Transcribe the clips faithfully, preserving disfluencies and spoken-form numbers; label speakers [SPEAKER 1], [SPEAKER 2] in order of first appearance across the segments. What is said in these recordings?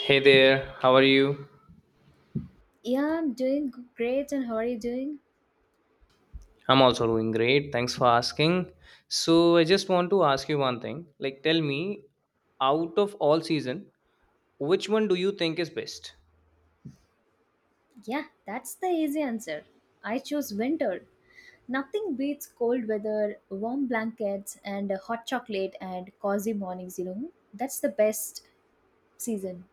[SPEAKER 1] Hey there, how are you?
[SPEAKER 2] Yeah, I'm doing g- great, and how are you doing?
[SPEAKER 1] I'm also doing great. Thanks for asking. So, I just want to ask you one thing. Like, tell me, out of all season, which one do you think is best?
[SPEAKER 2] Yeah, that's the easy answer. I chose winter. Nothing beats cold weather, warm blankets, and hot chocolate and cozy mornings, you know. That's the best season.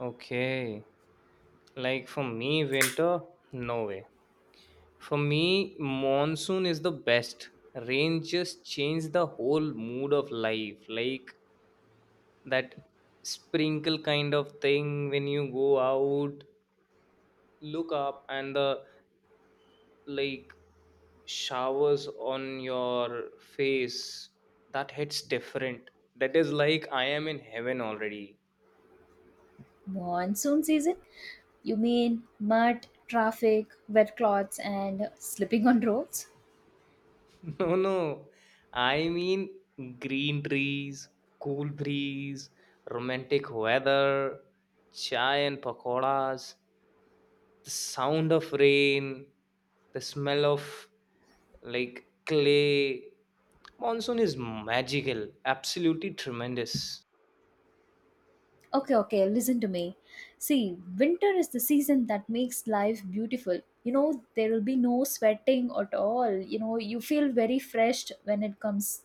[SPEAKER 1] Okay. Like, for me, winter, no way. For me, monsoon is the best. Rain just changes the whole mood of life. Like, that sprinkle kind of thing when you go out, look up, and the like showers on your face, that hits different. That is like I am in heaven already.
[SPEAKER 2] Monsoon season? You mean mud, traffic, wet clothes, and slipping on roads?
[SPEAKER 1] No, no, I mean green trees, cool breeze, romantic weather, chai and pakoras, the sound of rain, the smell of like clay. Monsoon is magical, absolutely tremendous.
[SPEAKER 2] Okay, okay, listen to me. See, winter is the season that makes life beautiful. You know, there will be no sweating at all. You know, you feel very fresh when it comes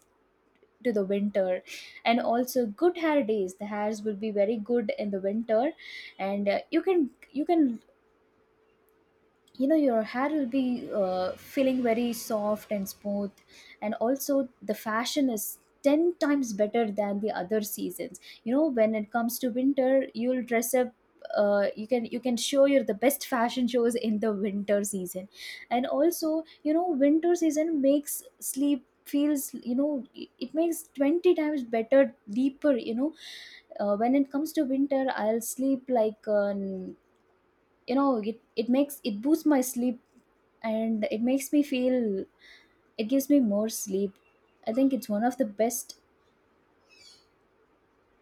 [SPEAKER 2] to the winter. And also good hair days. The hairs will be very good in the winter and uh, you can you can you know your hair will be uh, feeling very soft and smooth. And also the fashion is ten times better than the other seasons, you know, when it comes to winter you'll dress up. Uh, you can you can show your the best fashion shows in the winter season. And also, you know, winter season makes sleep feels, you know, it it makes twenty times better deeper, you know. Uh, when it comes to winter I'll sleep like uh, you know it, it makes, it boosts my sleep, and it makes me feel, it gives me more sleep. I think it's one of the best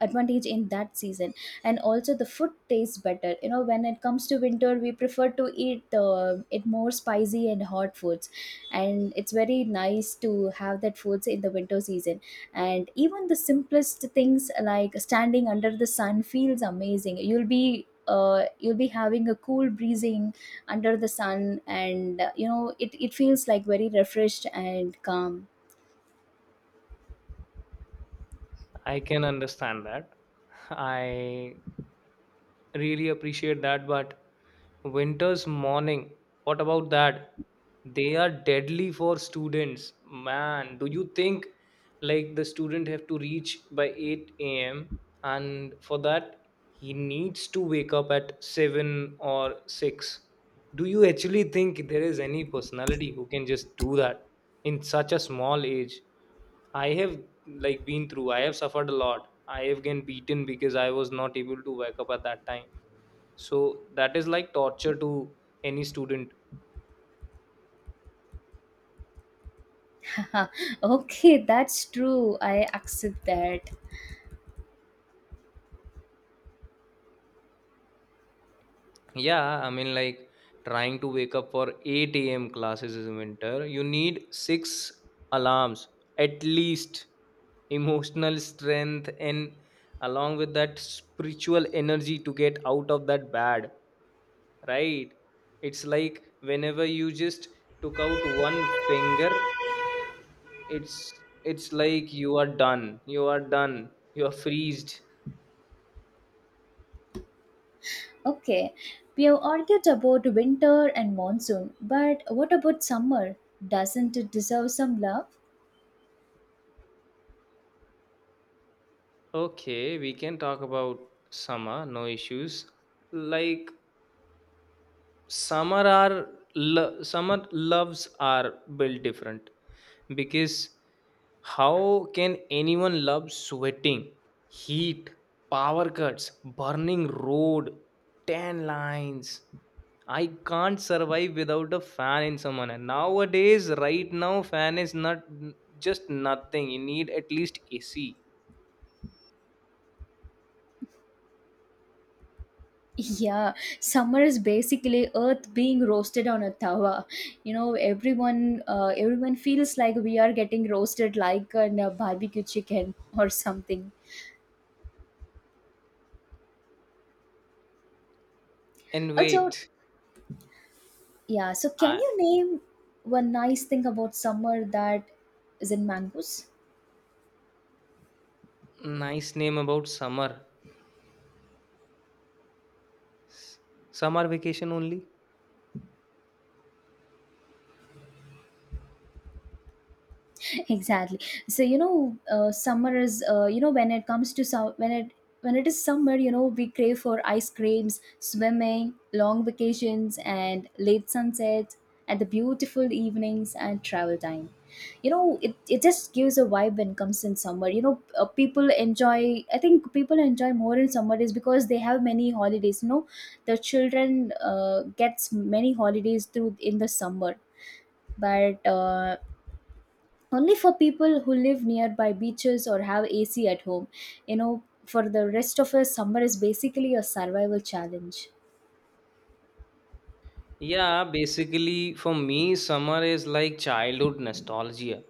[SPEAKER 2] advantage in that season. And also the food tastes better, you know, when it comes to winter we prefer to eat uh, it more spicy and hot foods, and it's very nice to have that foods in the winter season. And even the simplest things like standing under the sun feels amazing. You'll be uh, you'll be having a cool breezing under the sun, and uh, you know it, it feels like very refreshed and calm.
[SPEAKER 1] I can understand that. I really appreciate that, but winter's morning, what about that? They are deadly for students. Man, do you think like the student have to reach by eight a m and for that he needs to wake up at seven or six? Do you actually think there is any personality who can just do that in such a small age? I have like been through. I have suffered a lot. I have been beaten because I was not able to wake up at that time. So that is like torture to any student.
[SPEAKER 2] Okay, that's true, I accept that.
[SPEAKER 1] Yeah, I mean like trying to wake up for eight a m classes in winter. You need six alarms at least. Emotional strength and along with that spiritual energy to get out of that bad. Right? It's like whenever you just took out one finger, It's it's like you are done. You are done. You are freezed.
[SPEAKER 2] Okay, we have argued about winter and monsoon, but what about summer? Doesn't it deserve some love?
[SPEAKER 1] Okay, we can talk about summer, no issues. Like summer are lo- summer loves are built different because how can anyone love sweating, heat, power cuts, burning road, tan lines. I can't survive without a fan in someone, and nowadays right now fan is not just nothing, you need at least AC
[SPEAKER 2] Yeah, summer is basically earth being roasted on a tawa. You know, everyone uh, everyone feels like we are getting roasted like a barbecue chicken or something.
[SPEAKER 1] and
[SPEAKER 2] Also,
[SPEAKER 1] wait
[SPEAKER 2] yeah, so can
[SPEAKER 1] I,
[SPEAKER 2] you name one nice thing about summer that isn't mangoes?
[SPEAKER 1] nice name about summer, S- summer vacation only.
[SPEAKER 2] Exactly. So you know, uh, summer is uh, you know, when it comes to sum- when it, when it is summer, you know, we crave for ice creams, swimming, long vacations, and late sunsets, and the beautiful evenings and travel time. You know it, it just gives a vibe when comes in summer. You know, uh, people enjoy, I think people enjoy more in summer is because they have many holidays, you know. The children uh, gets many holidays through in the summer, but uh, only for people who live nearby beaches or have A C at home. You know, for the rest of us, summer is basically a survival challenge.
[SPEAKER 1] Yeah, basically for me, summer is like childhood nostalgia.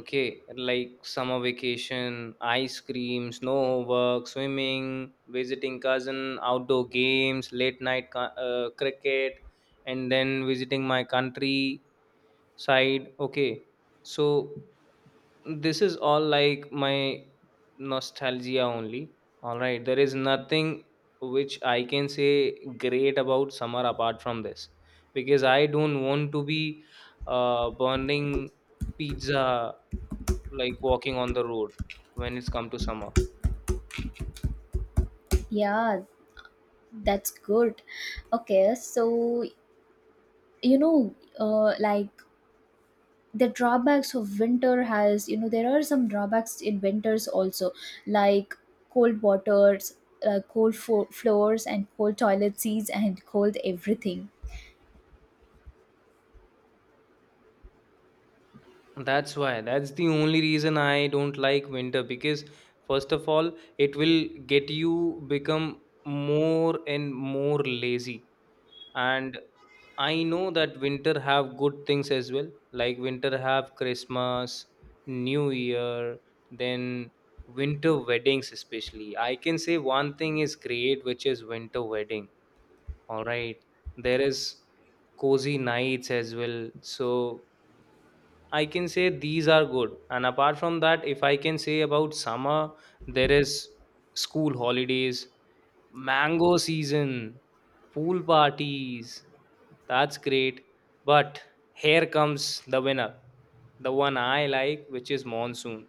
[SPEAKER 1] Okay, like summer vacation, ice cream, snow homework, swimming, visiting cousin, outdoor games, late night ca- uh, cricket, and then visiting my country side. Okay, so this is all like my nostalgia only. All right, there is nothing which I can say great about summer apart from this because I don't want to be uh, burning pizza like walking on the road when it's come to summer.
[SPEAKER 2] Yeah, that's good. Okay, so you know, uh, like the drawbacks of winter has, you know, there are some drawbacks in winters also, like cold waters, uh, cold fo- floors, and cold toilet seats, and cold everything.
[SPEAKER 1] That's why, that's the only reason I don't like winter because first of all it will get you become more and more lazy, and I know that winter have good things as well. Like winter have Christmas, New Year, then winter weddings especially. I can say one thing is great, which is winter wedding. All right, there is cozy nights as well. So I can say these are good. And apart from that, if I can say about summer, there is school holidays, mango season, pool parties. That's great. But here comes the winner, the one I like, which is monsoon.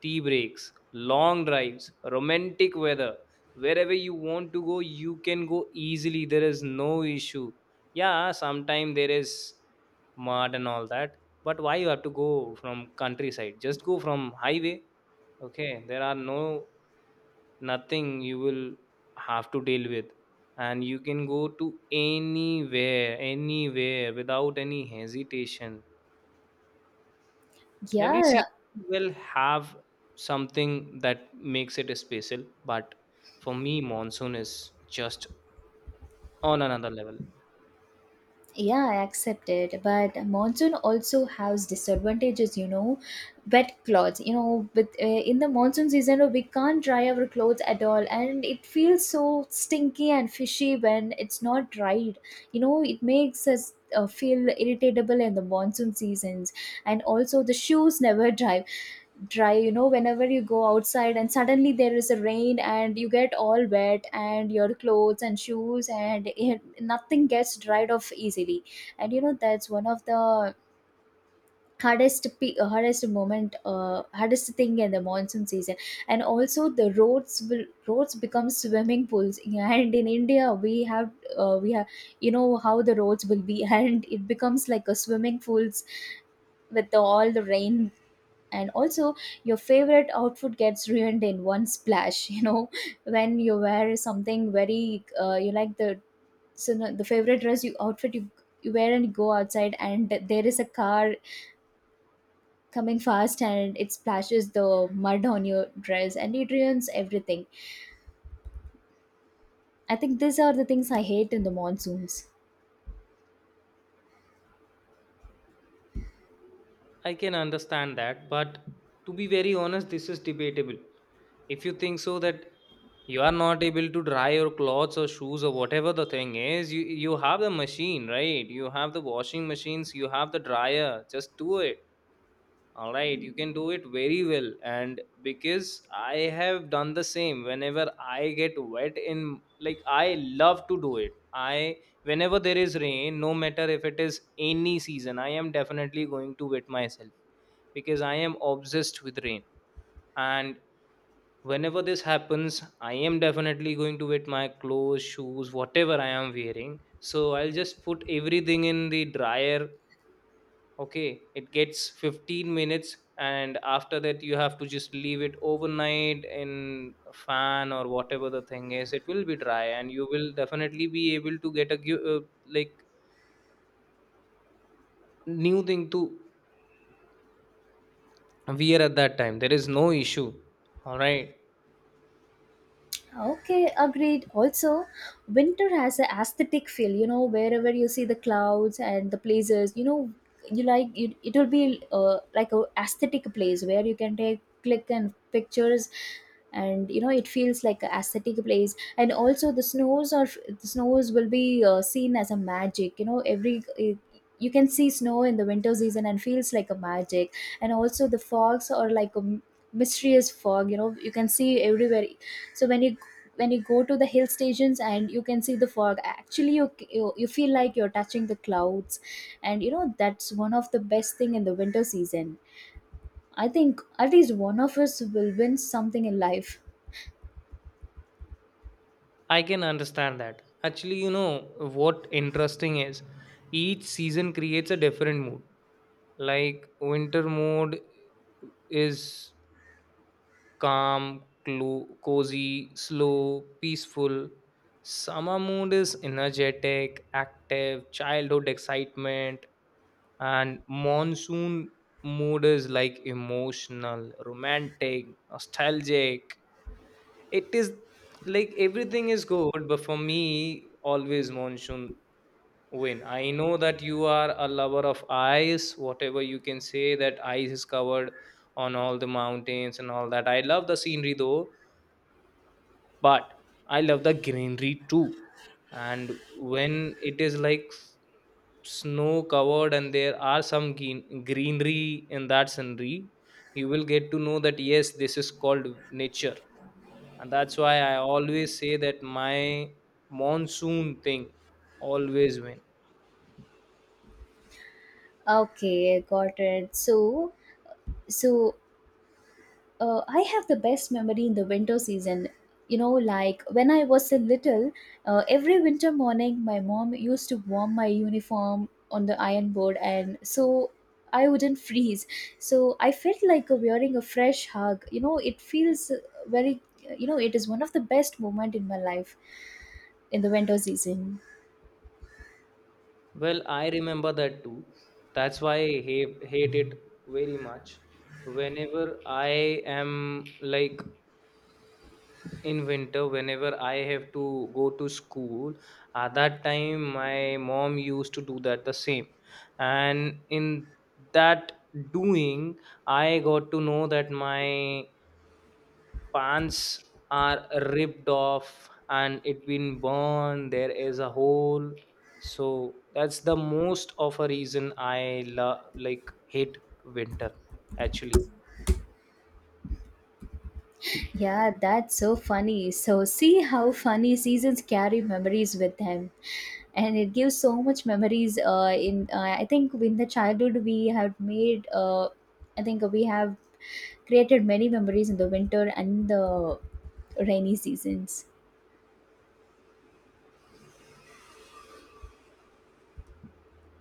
[SPEAKER 1] Tea breaks, long drives, romantic weather. Wherever you want to go, you can go easily. There is no issue. Yeah, sometimes there is mud and all that, but why you have to go from countryside, just go from highway. Okay, there are no, nothing you will have to deal with, and you can go to anywhere anywhere without any hesitation. Every season
[SPEAKER 2] Yeah,
[SPEAKER 1] will have something that makes it special, but for me monsoon is just on another level.
[SPEAKER 2] yeah, I accept it, but monsoon also has disadvantages, you know. Wet clothes, you know, with uh, in the monsoon season we can't dry our clothes at all, and it feels so stinky and fishy when it's not dried. You know it makes us uh, feel irritable in the monsoon seasons. And also the shoes never dry dry, you know, whenever you go outside and suddenly there is a rain and you get all wet and your clothes and shoes, and it, nothing gets dried off easily. And you know that's one of the hardest pe- uh, hardest moment, uh, hardest thing in the monsoon season. And also the roads will roads become swimming pools and in india we have, uh, we have, you know how the roads will be and it becomes like a swimming pools with all the rain. And also your favorite outfit gets ruined in one splash you know, when you wear something very uh, you like the, so the the favorite dress you outfit you, you wear and you go outside, and there is a car coming fast and it splashes the mud on your dress and it ruins everything. I think these are the things I hate in the monsoons.
[SPEAKER 1] I can understand that, but to be very honest, this is debatable. If you think so that you are not able to dry your clothes or shoes or whatever the thing is, you you have the machine, right? You have the washing machines, you have the dryer. Just do it, all right, you can do it very well. And because I have done the same, whenever I get wet in, like, I love to do it, I, whenever there is rain, no matter if it is any season, I am definitely going to wet myself because I am obsessed with rain. And whenever this happens, I am definitely going to wet my clothes, shoes, whatever I am wearing, so I'll just put everything in the dryer. Okay, it gets fifteen minutes and after that you have to just leave it overnight in a fan or whatever the thing is, it will be dry, and you will definitely be able to get a gu- uh, like new thing to wear at that time. There is no issue, all right.
[SPEAKER 2] Okay, agreed. Also, winter has a aesthetic feel, you know, wherever you see the clouds and the places, you know, you like it, it will be uh, like a aesthetic place where you can take click and pictures, and you know it feels like a aesthetic place. And also the snows are, the snows will be uh, seen as a magic, you know. Every, you can see snow in the winter season and feels like a magic. And also the fogs are like a mysterious fog, you know, you can see everywhere. So when you when you go to the hill stations and you can see the fog, actually you, you you feel like you're touching the clouds. And you know that's one of the best thing in the winter season. I think at least one of us will win something in life.
[SPEAKER 1] I can understand that actually, you know what interesting is, each season creates a different mood. Like winter mode is calm, clo- cozy, slow, peaceful. Summer mood is energetic, active, childhood excitement, and monsoon mood is like emotional, romantic, nostalgic. It is like everything is good, but for me, always monsoon win. I know that you are a lover of ice, whatever you can say, that ice is covered on all the mountains and all that. I love the scenery though, but I love the greenery too. And when it is like s- snow covered and there are some green, greenery in that scenery, you will get to know that yes this is called nature. And that's why I always say that my monsoon thing always win.
[SPEAKER 2] Okay, got it. So so uh, I have the best memory in the winter season. You know, like when I was a little, uh, every winter morning, my mom used to warm my uniform on the iron board, and so I wouldn't freeze. So I felt like wearing a fresh hug. You know, it feels very. You know, it is one of the best moment in my life in the winter season.
[SPEAKER 1] Well, I remember that too. That's why I hate, hate it very much, whenever I am like in winter, whenever I have to go to school at that time my mom used to do that the same. And in that doing I got to know that my pants are ripped off and it been burned, there is a hole. So that's the most of a reason I love like hate winter actually.
[SPEAKER 2] Yeah, that's so funny. So, see how funny seasons carry memories with them. And it gives so much memories. Uh, in uh, I think in the childhood we have made. Uh, I think we have created many memories in the winter and the rainy seasons.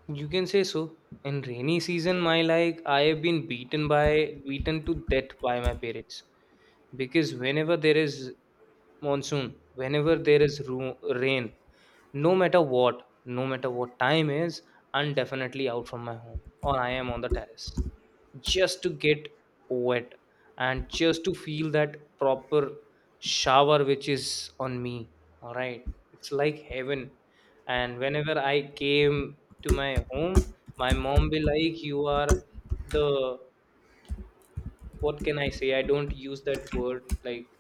[SPEAKER 1] You can say so. In rainy season, my, like, I have been beaten by beaten to death by my parents because whenever there is monsoon, whenever there is ru- rain, no matter what, no matter what time is, I'm definitely out from my home or I am on the terrace just to get wet and just to feel that proper shower which is on me. All right, it's like heaven. And whenever I came to my home, my mom be like you are the, what can I say, I don't use that word, like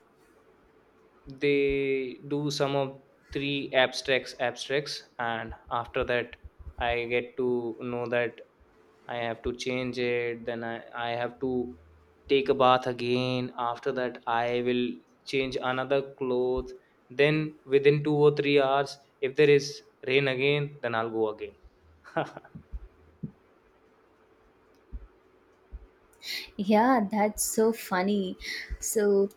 [SPEAKER 1] they do some of three abstracts abstracts and after that I get to know that I have to change it, then i, I have to take a bath again, after that I will change another clothes. Then within two or three hours if there is rain again then I'll go again.
[SPEAKER 2] Yeah, that's so funny. So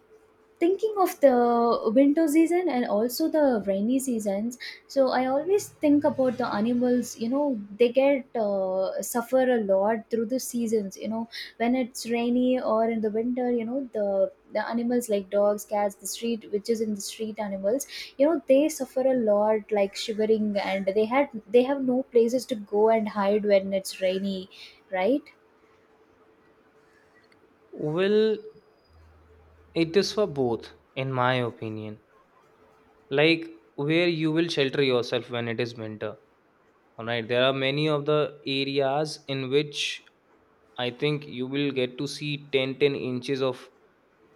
[SPEAKER 2] thinking of the winter season and also the rainy seasons, so I always think about the animals. You know, they get uh, suffer a lot through the seasons, you know, when it's rainy or in the winter. You know the the animals like dogs, cats, the street which is in the street animals, you know they suffer a lot, like shivering, and they had, they have no places to go and hide when it's rainy, right?
[SPEAKER 1] Well, it is for both, in my opinion. Like where you will shelter yourself when it is winter, all right, there are many of the areas in which I think you will get to see ten, ten inches of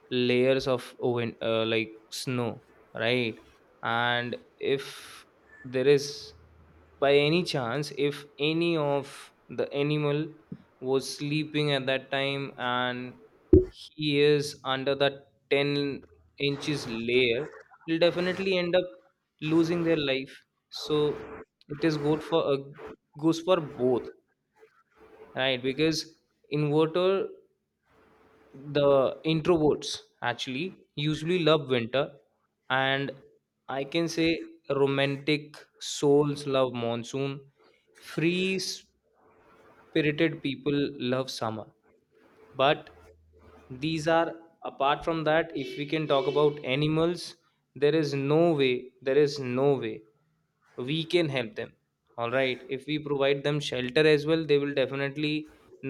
[SPEAKER 1] layers of win- uh, like snow, right? And if there is, by any chance, if any of the animal was sleeping at that time and he is under that ten inches layer, will definitely end up losing their life. So it is good for, uh, goes for both, right? Because inverter the introverts actually usually love winter, and I can say romantic souls love monsoon, free spirited people love summer. But these are, apart from that if we can talk about animals, there is no way there is no way we can help them. All right, if we provide them shelter as well they will definitely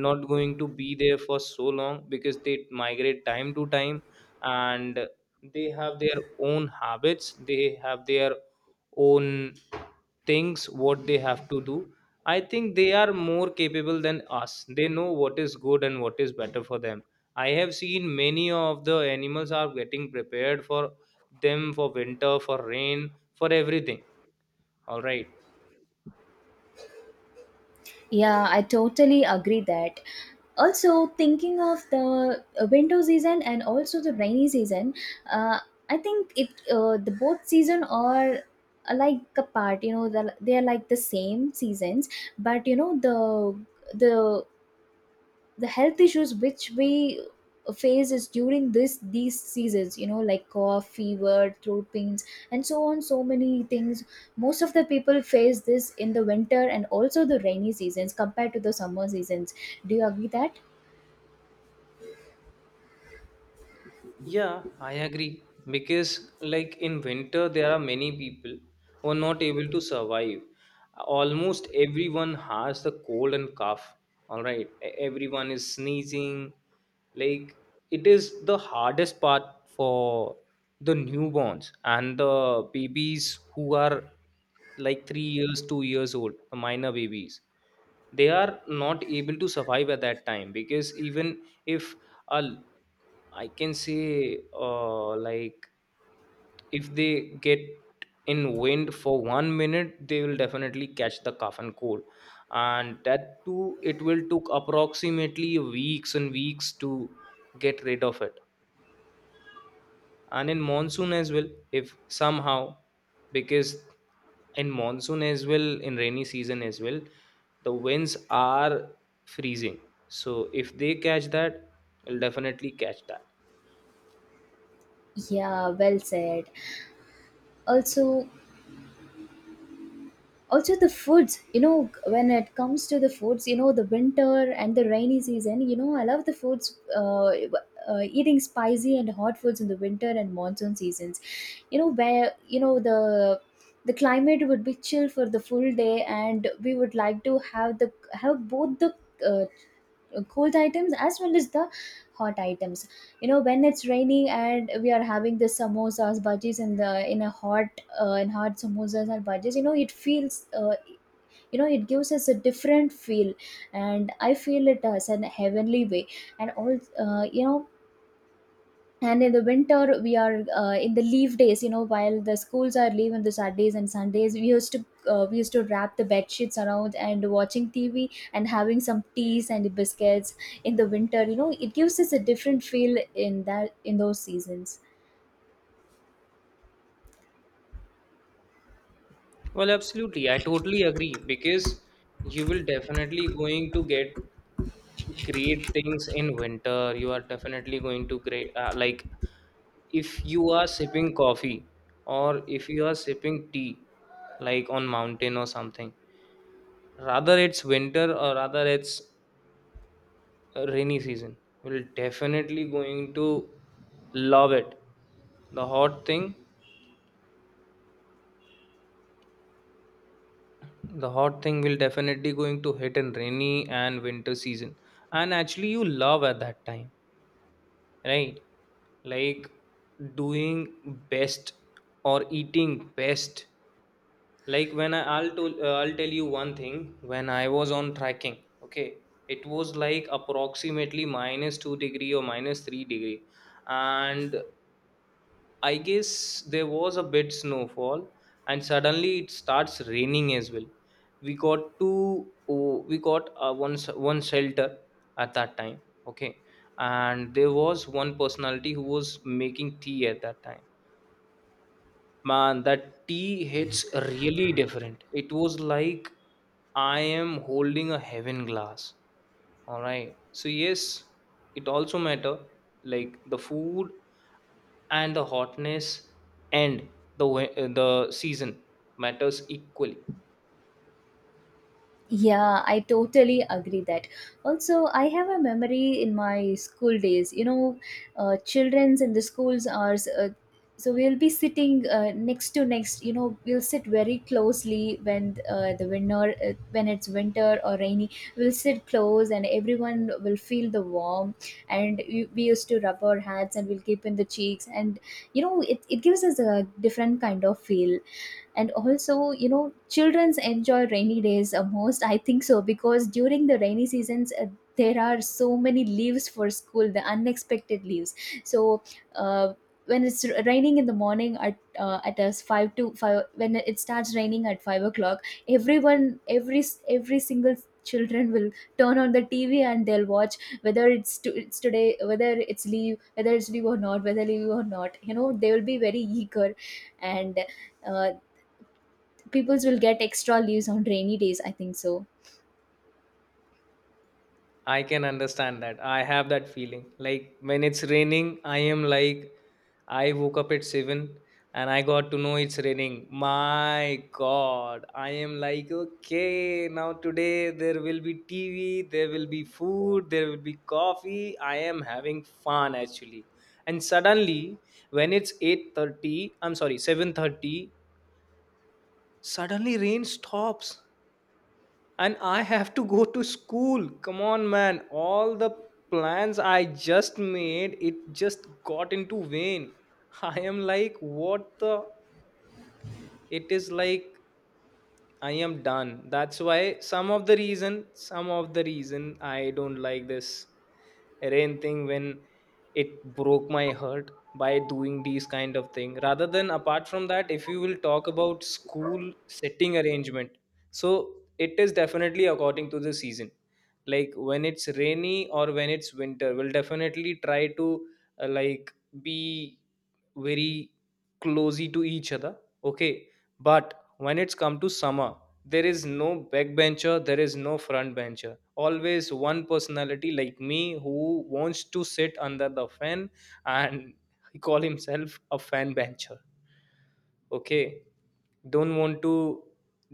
[SPEAKER 1] not going to be there for so long because they migrate time to time. And they have their own habits, they have their own things what they have to do. I think they are more capable than us. They know what is good and what is better for them. I have seen many of the animals are getting prepared for them for winter, for rain, for everything. All right.
[SPEAKER 2] Yeah, I totally agree that. Also, thinking of the uh, winter season and also the rainy season, uh, I think it uh, the both season are uh, like a part. You know, the, they are like the same seasons, but you know the the the health issues which we face is during this these seasons, you know, like cough, fever, throat pains, and so on, so many things. Most of the people face this in the winter and also the rainy seasons compared to the summer seasons. Do you agree that?
[SPEAKER 1] Yeah, I agree. Because, like in winter, there are many people who are not able to survive. Almost everyone has the cold and cough. All right, E- everyone is sneezing. Like, it is the hardest part for the newborns and the babies who are like three years, two years old, the minor babies they are not able to survive at that time because even if a I can say, uh, like, if they get in wind for one minute, they will definitely catch the cough and cold, and that too, it will took approximately weeks and weeks to get rid of it. And in monsoon as well, if somehow, because in monsoon as well, in rainy season as well, the winds are freezing. So if they catch that, they'll definitely catch that.
[SPEAKER 2] Yeah, well said. Also, also the foods, you know, when it comes to the foods, you know, the winter and the rainy season, you know I love the foods, uh, uh, eating spicy and hot foods in the winter and monsoon seasons. You know where, you know the the climate would be chill for the full day, and we would like to have the, have both the, uh, cold items as well as the hot items. You know, when it's raining and we are having the samosas, bhajis, and the, in a hot, uh, in hot samosas and bhajis, you know it feels, uh, you know it gives us a different feel, and I feel it as an heavenly way. And all, uh, you know, and in the winter we are uh, in the leave days, you know, while the schools are leave on the saturdays and sundays, we used to uh, we used to wrap the bed sheets around and watching tv and having some teas and biscuits in the winter. You know it gives us a different feel in that, in those seasons.
[SPEAKER 1] Well, absolutely. I totally agree because you will definitely going to get great things in winter. You are definitely going to great uh, like if you are sipping coffee or if you are sipping tea like on mountain or something. Rather it's winter or rather it's a rainy season. You will definitely going to love it. The hot thing the hot thing will definitely going to hit in rainy and winter season, and actually you love at that time, right? Like doing best or eating best. Like when I, I'll tell uh, I'll tell you one thing, when I was on trekking, okay, it was like approximately minus two degree or minus three degree. And I guess there was a bit snowfall and suddenly it starts raining as well. We got to oh, we got uh, one s- one shelter at that time, okay? And there was one personality who was making tea at that time. Man, that tea hits really different. It was like I am holding a heaven glass. All right. So yes, it also matter, like the food and the hotness and the we- uh, the season matters equally.
[SPEAKER 2] Yeah, I totally agree that. Also, I have a memory in my school days. You know, uh, childrens in the schools are, uh, so we'll be sitting uh, next to next. You know, we'll sit very closely when uh, the winter, uh, when it's winter or rainy. We'll sit close, and everyone will feel the warm. And we, we used to rub our hats, and we'll keep in the cheeks, and you know, it it gives us a different kind of feel. And also, you know, children's enjoy rainy days uh, most, I think so, because during the rainy seasons, uh, there are so many leaves for school, the unexpected leaves. So uh, when it's r- raining in the morning at uh, at us five to five, when it starts raining at five o'clock, everyone, every s- every single children will turn on the T V and they'll watch whether it's to, it's today, whether it's leave, whether it's leave or not whether leave or not, you know, they will be very eager. And uh, peoples will get extra leaves on rainy days, I think so.
[SPEAKER 1] I can understand that. I have that feeling. Like when it's raining, I am like I woke up at seven and I got to know it's raining. My god, I am like okay, now today there will be T V, there will be food, there will be coffee. I am having fun actually. And suddenly when it's eight thirty, I'm sorry, seven thirty. Suddenly, rain stops and I have to go to school. Come on, man. All the plans I just made, it just got into vain. I am like, what the? It is like I am done. That's why some of the reason, some of the reason I don't like this rain thing, when it broke my heart by doing these kind of thing. Rather than, apart from that, if you will talk about school setting arrangement, so it is definitely according to the season. Like when it's rainy or when it's winter, we'll definitely try to uh, like be very closey to each other, okay? But when it's come to summer, there is no backbencher, there is no front bencher, always one personality like me who wants to sit under the fan. And he call himself a fan bencher. Okay, don't want to,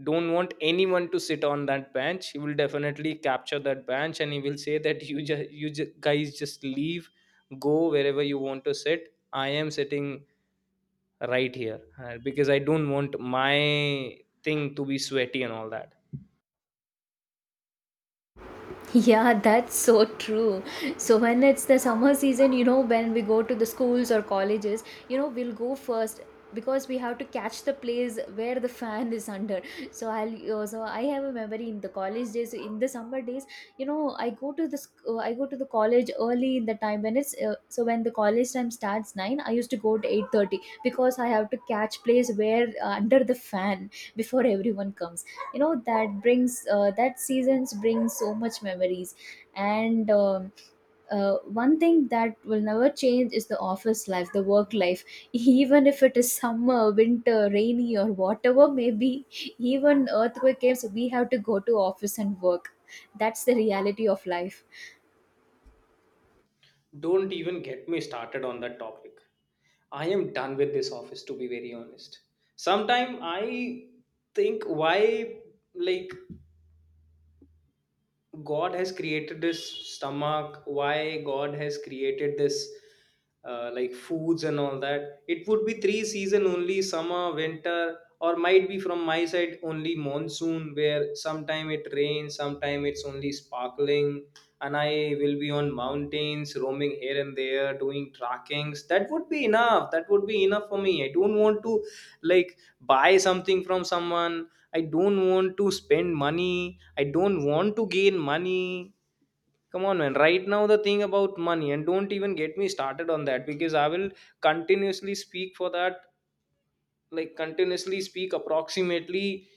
[SPEAKER 1] don't want anyone to sit on that bench. He will definitely capture that bench and he will say that you just, you ju- guys just leave, go wherever you want to sit, I am sitting right here. Uh, because I don't want my thing to be sweaty and all that.
[SPEAKER 2] Yeah, that's so true. So when it's the summer season, you know, when we go to the schools or colleges, you know, we'll go first because we have to catch the place where the fan is under. So I'll also, I have a memory in the college days. In the summer days, you know, I go to the sc- uh, I go to the college early in the time when it's uh, so when the college time starts nine. I used to go to eight thirty because I have to catch place where, uh, under the fan before everyone comes. You know that brings uh, that seasons bring so much memories. And um, uh, one thing that will never change is the office life, the work life. Even if it is summer, winter, rainy, or whatever, maybe even earthquake came, so we have to go to office and work. That's the reality of life.
[SPEAKER 1] Don't even get me started on that topic. I am done with this office, to be very honest. Sometime I think why, like, god has created this stomach, why god has created this uh, like foods and all that. It would be three season only: summer, winter, or might be from my side only monsoon, where sometime it rains, sometime it's only sparkling. And I will be on mountains roaming here and there doing trackings. That would be enough, that would be enough for me. I don't want to like buy something from someone, I don't want to spend money, I don't want to gain money. Come on, man. Right now, the thing about money, and don't even get me started on that because I will continuously speak for that, like, continuously speak approximately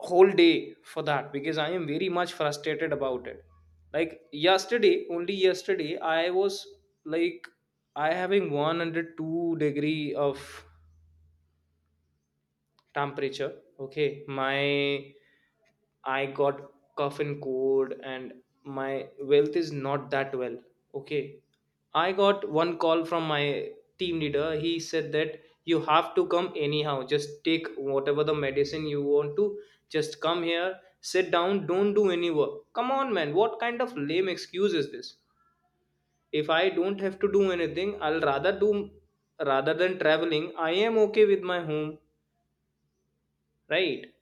[SPEAKER 1] whole day for that, because I am very much frustrated about it. Like, yesterday, only yesterday, I was like, I having one hundred two degree of temperature. Okay, my, I got cough and cold and my wealth is not that well. Okay. I got one call from my team leader. He said that you have to come anyhow. Just take whatever the medicine you want to. Just come here, sit down, don't do any work. Come on, man. What kind of lame excuse is this? If I don't have to do anything, I'll rather do, rather than traveling. I am okay with my home, right?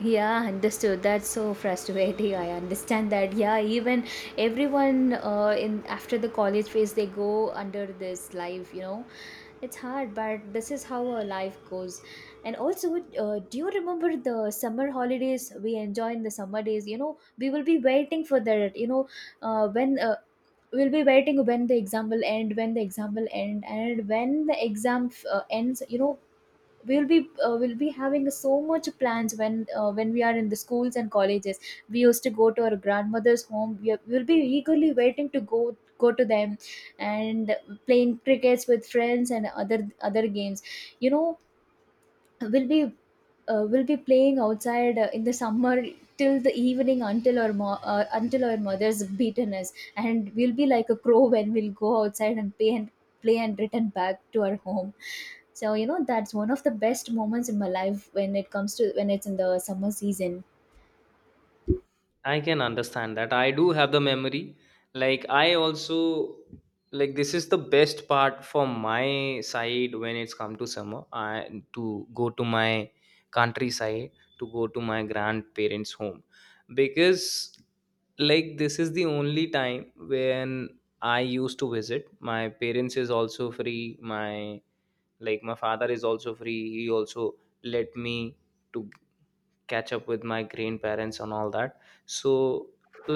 [SPEAKER 2] Yeah, understood, that's so frustrating, I understand that. Yeah, even everyone, uh, in after the college phase they go under this life. You know it's hard, but this is how our life goes. And also, uh, do you remember the summer holidays we enjoy in the summer days? You know we will be waiting for that. You know, uh, when uh, we'll be waiting when the exam will end when the exam will end and when the exam uh, ends, you know we'll be, uh, we'll be having so much plans when uh, when we are in the schools and colleges. We used to go to our grandmother's home. We are, we'll be eagerly waiting to go go to them, and playing crickets with friends and other other games. You know will be, uh, will be playing outside uh, in the summer till the evening, until our mo- uh, until our mother's beaten us, and we'll be like a crow when we'll go outside and play and play and return back to our home. So you know that's one of the best moments in my life when it comes to when it's in the summer season.
[SPEAKER 1] I can understand that. I do have the memory. Like I also, like, this is the best part for my side, when it's come to summer. I to go to my countryside, to go to my grandparents' home, because like this is the only time when I used to visit. My parents is also free. My Like my father is also free, he also let me to catch up with my grandparents and all that. So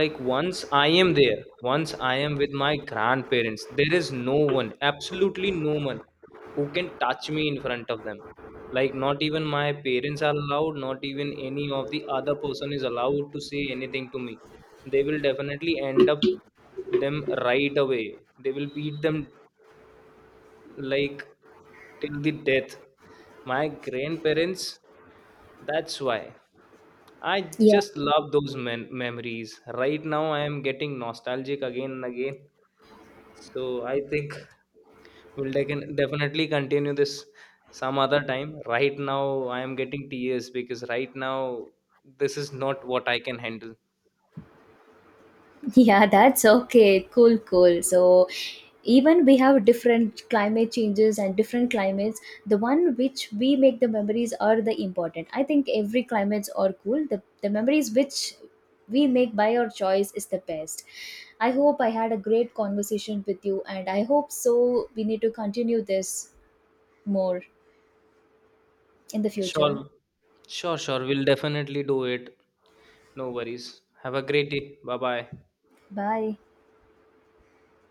[SPEAKER 1] like once I am there, once I am with my grandparents, there is no one, absolutely no one who can touch me in front of them. Like not even my parents are allowed, not even any of the other person is allowed to say anything to me. They will definitely end up them right away, they will beat them, like till the death, my grandparents. That's why I just love those mem- memories. Right now I am getting nostalgic again and again. So I think we'll dec- definitely continue this some other time. Right now I am getting tears because right now this is not what I can handle.
[SPEAKER 2] Yeah, that's okay. Cool, cool. So, even we have different climate changes and different climates. The one which we make the memories are the important. I think every climates are cool. The the memories which we make by our choice is the best. I hope I had a great conversation with you, and I hope so, we need to continue this more in the
[SPEAKER 1] Sure.
[SPEAKER 2] future.
[SPEAKER 1] Sure, sure, we'll definitely do it. No worries, have a great day, bye bye.
[SPEAKER 2] Bye.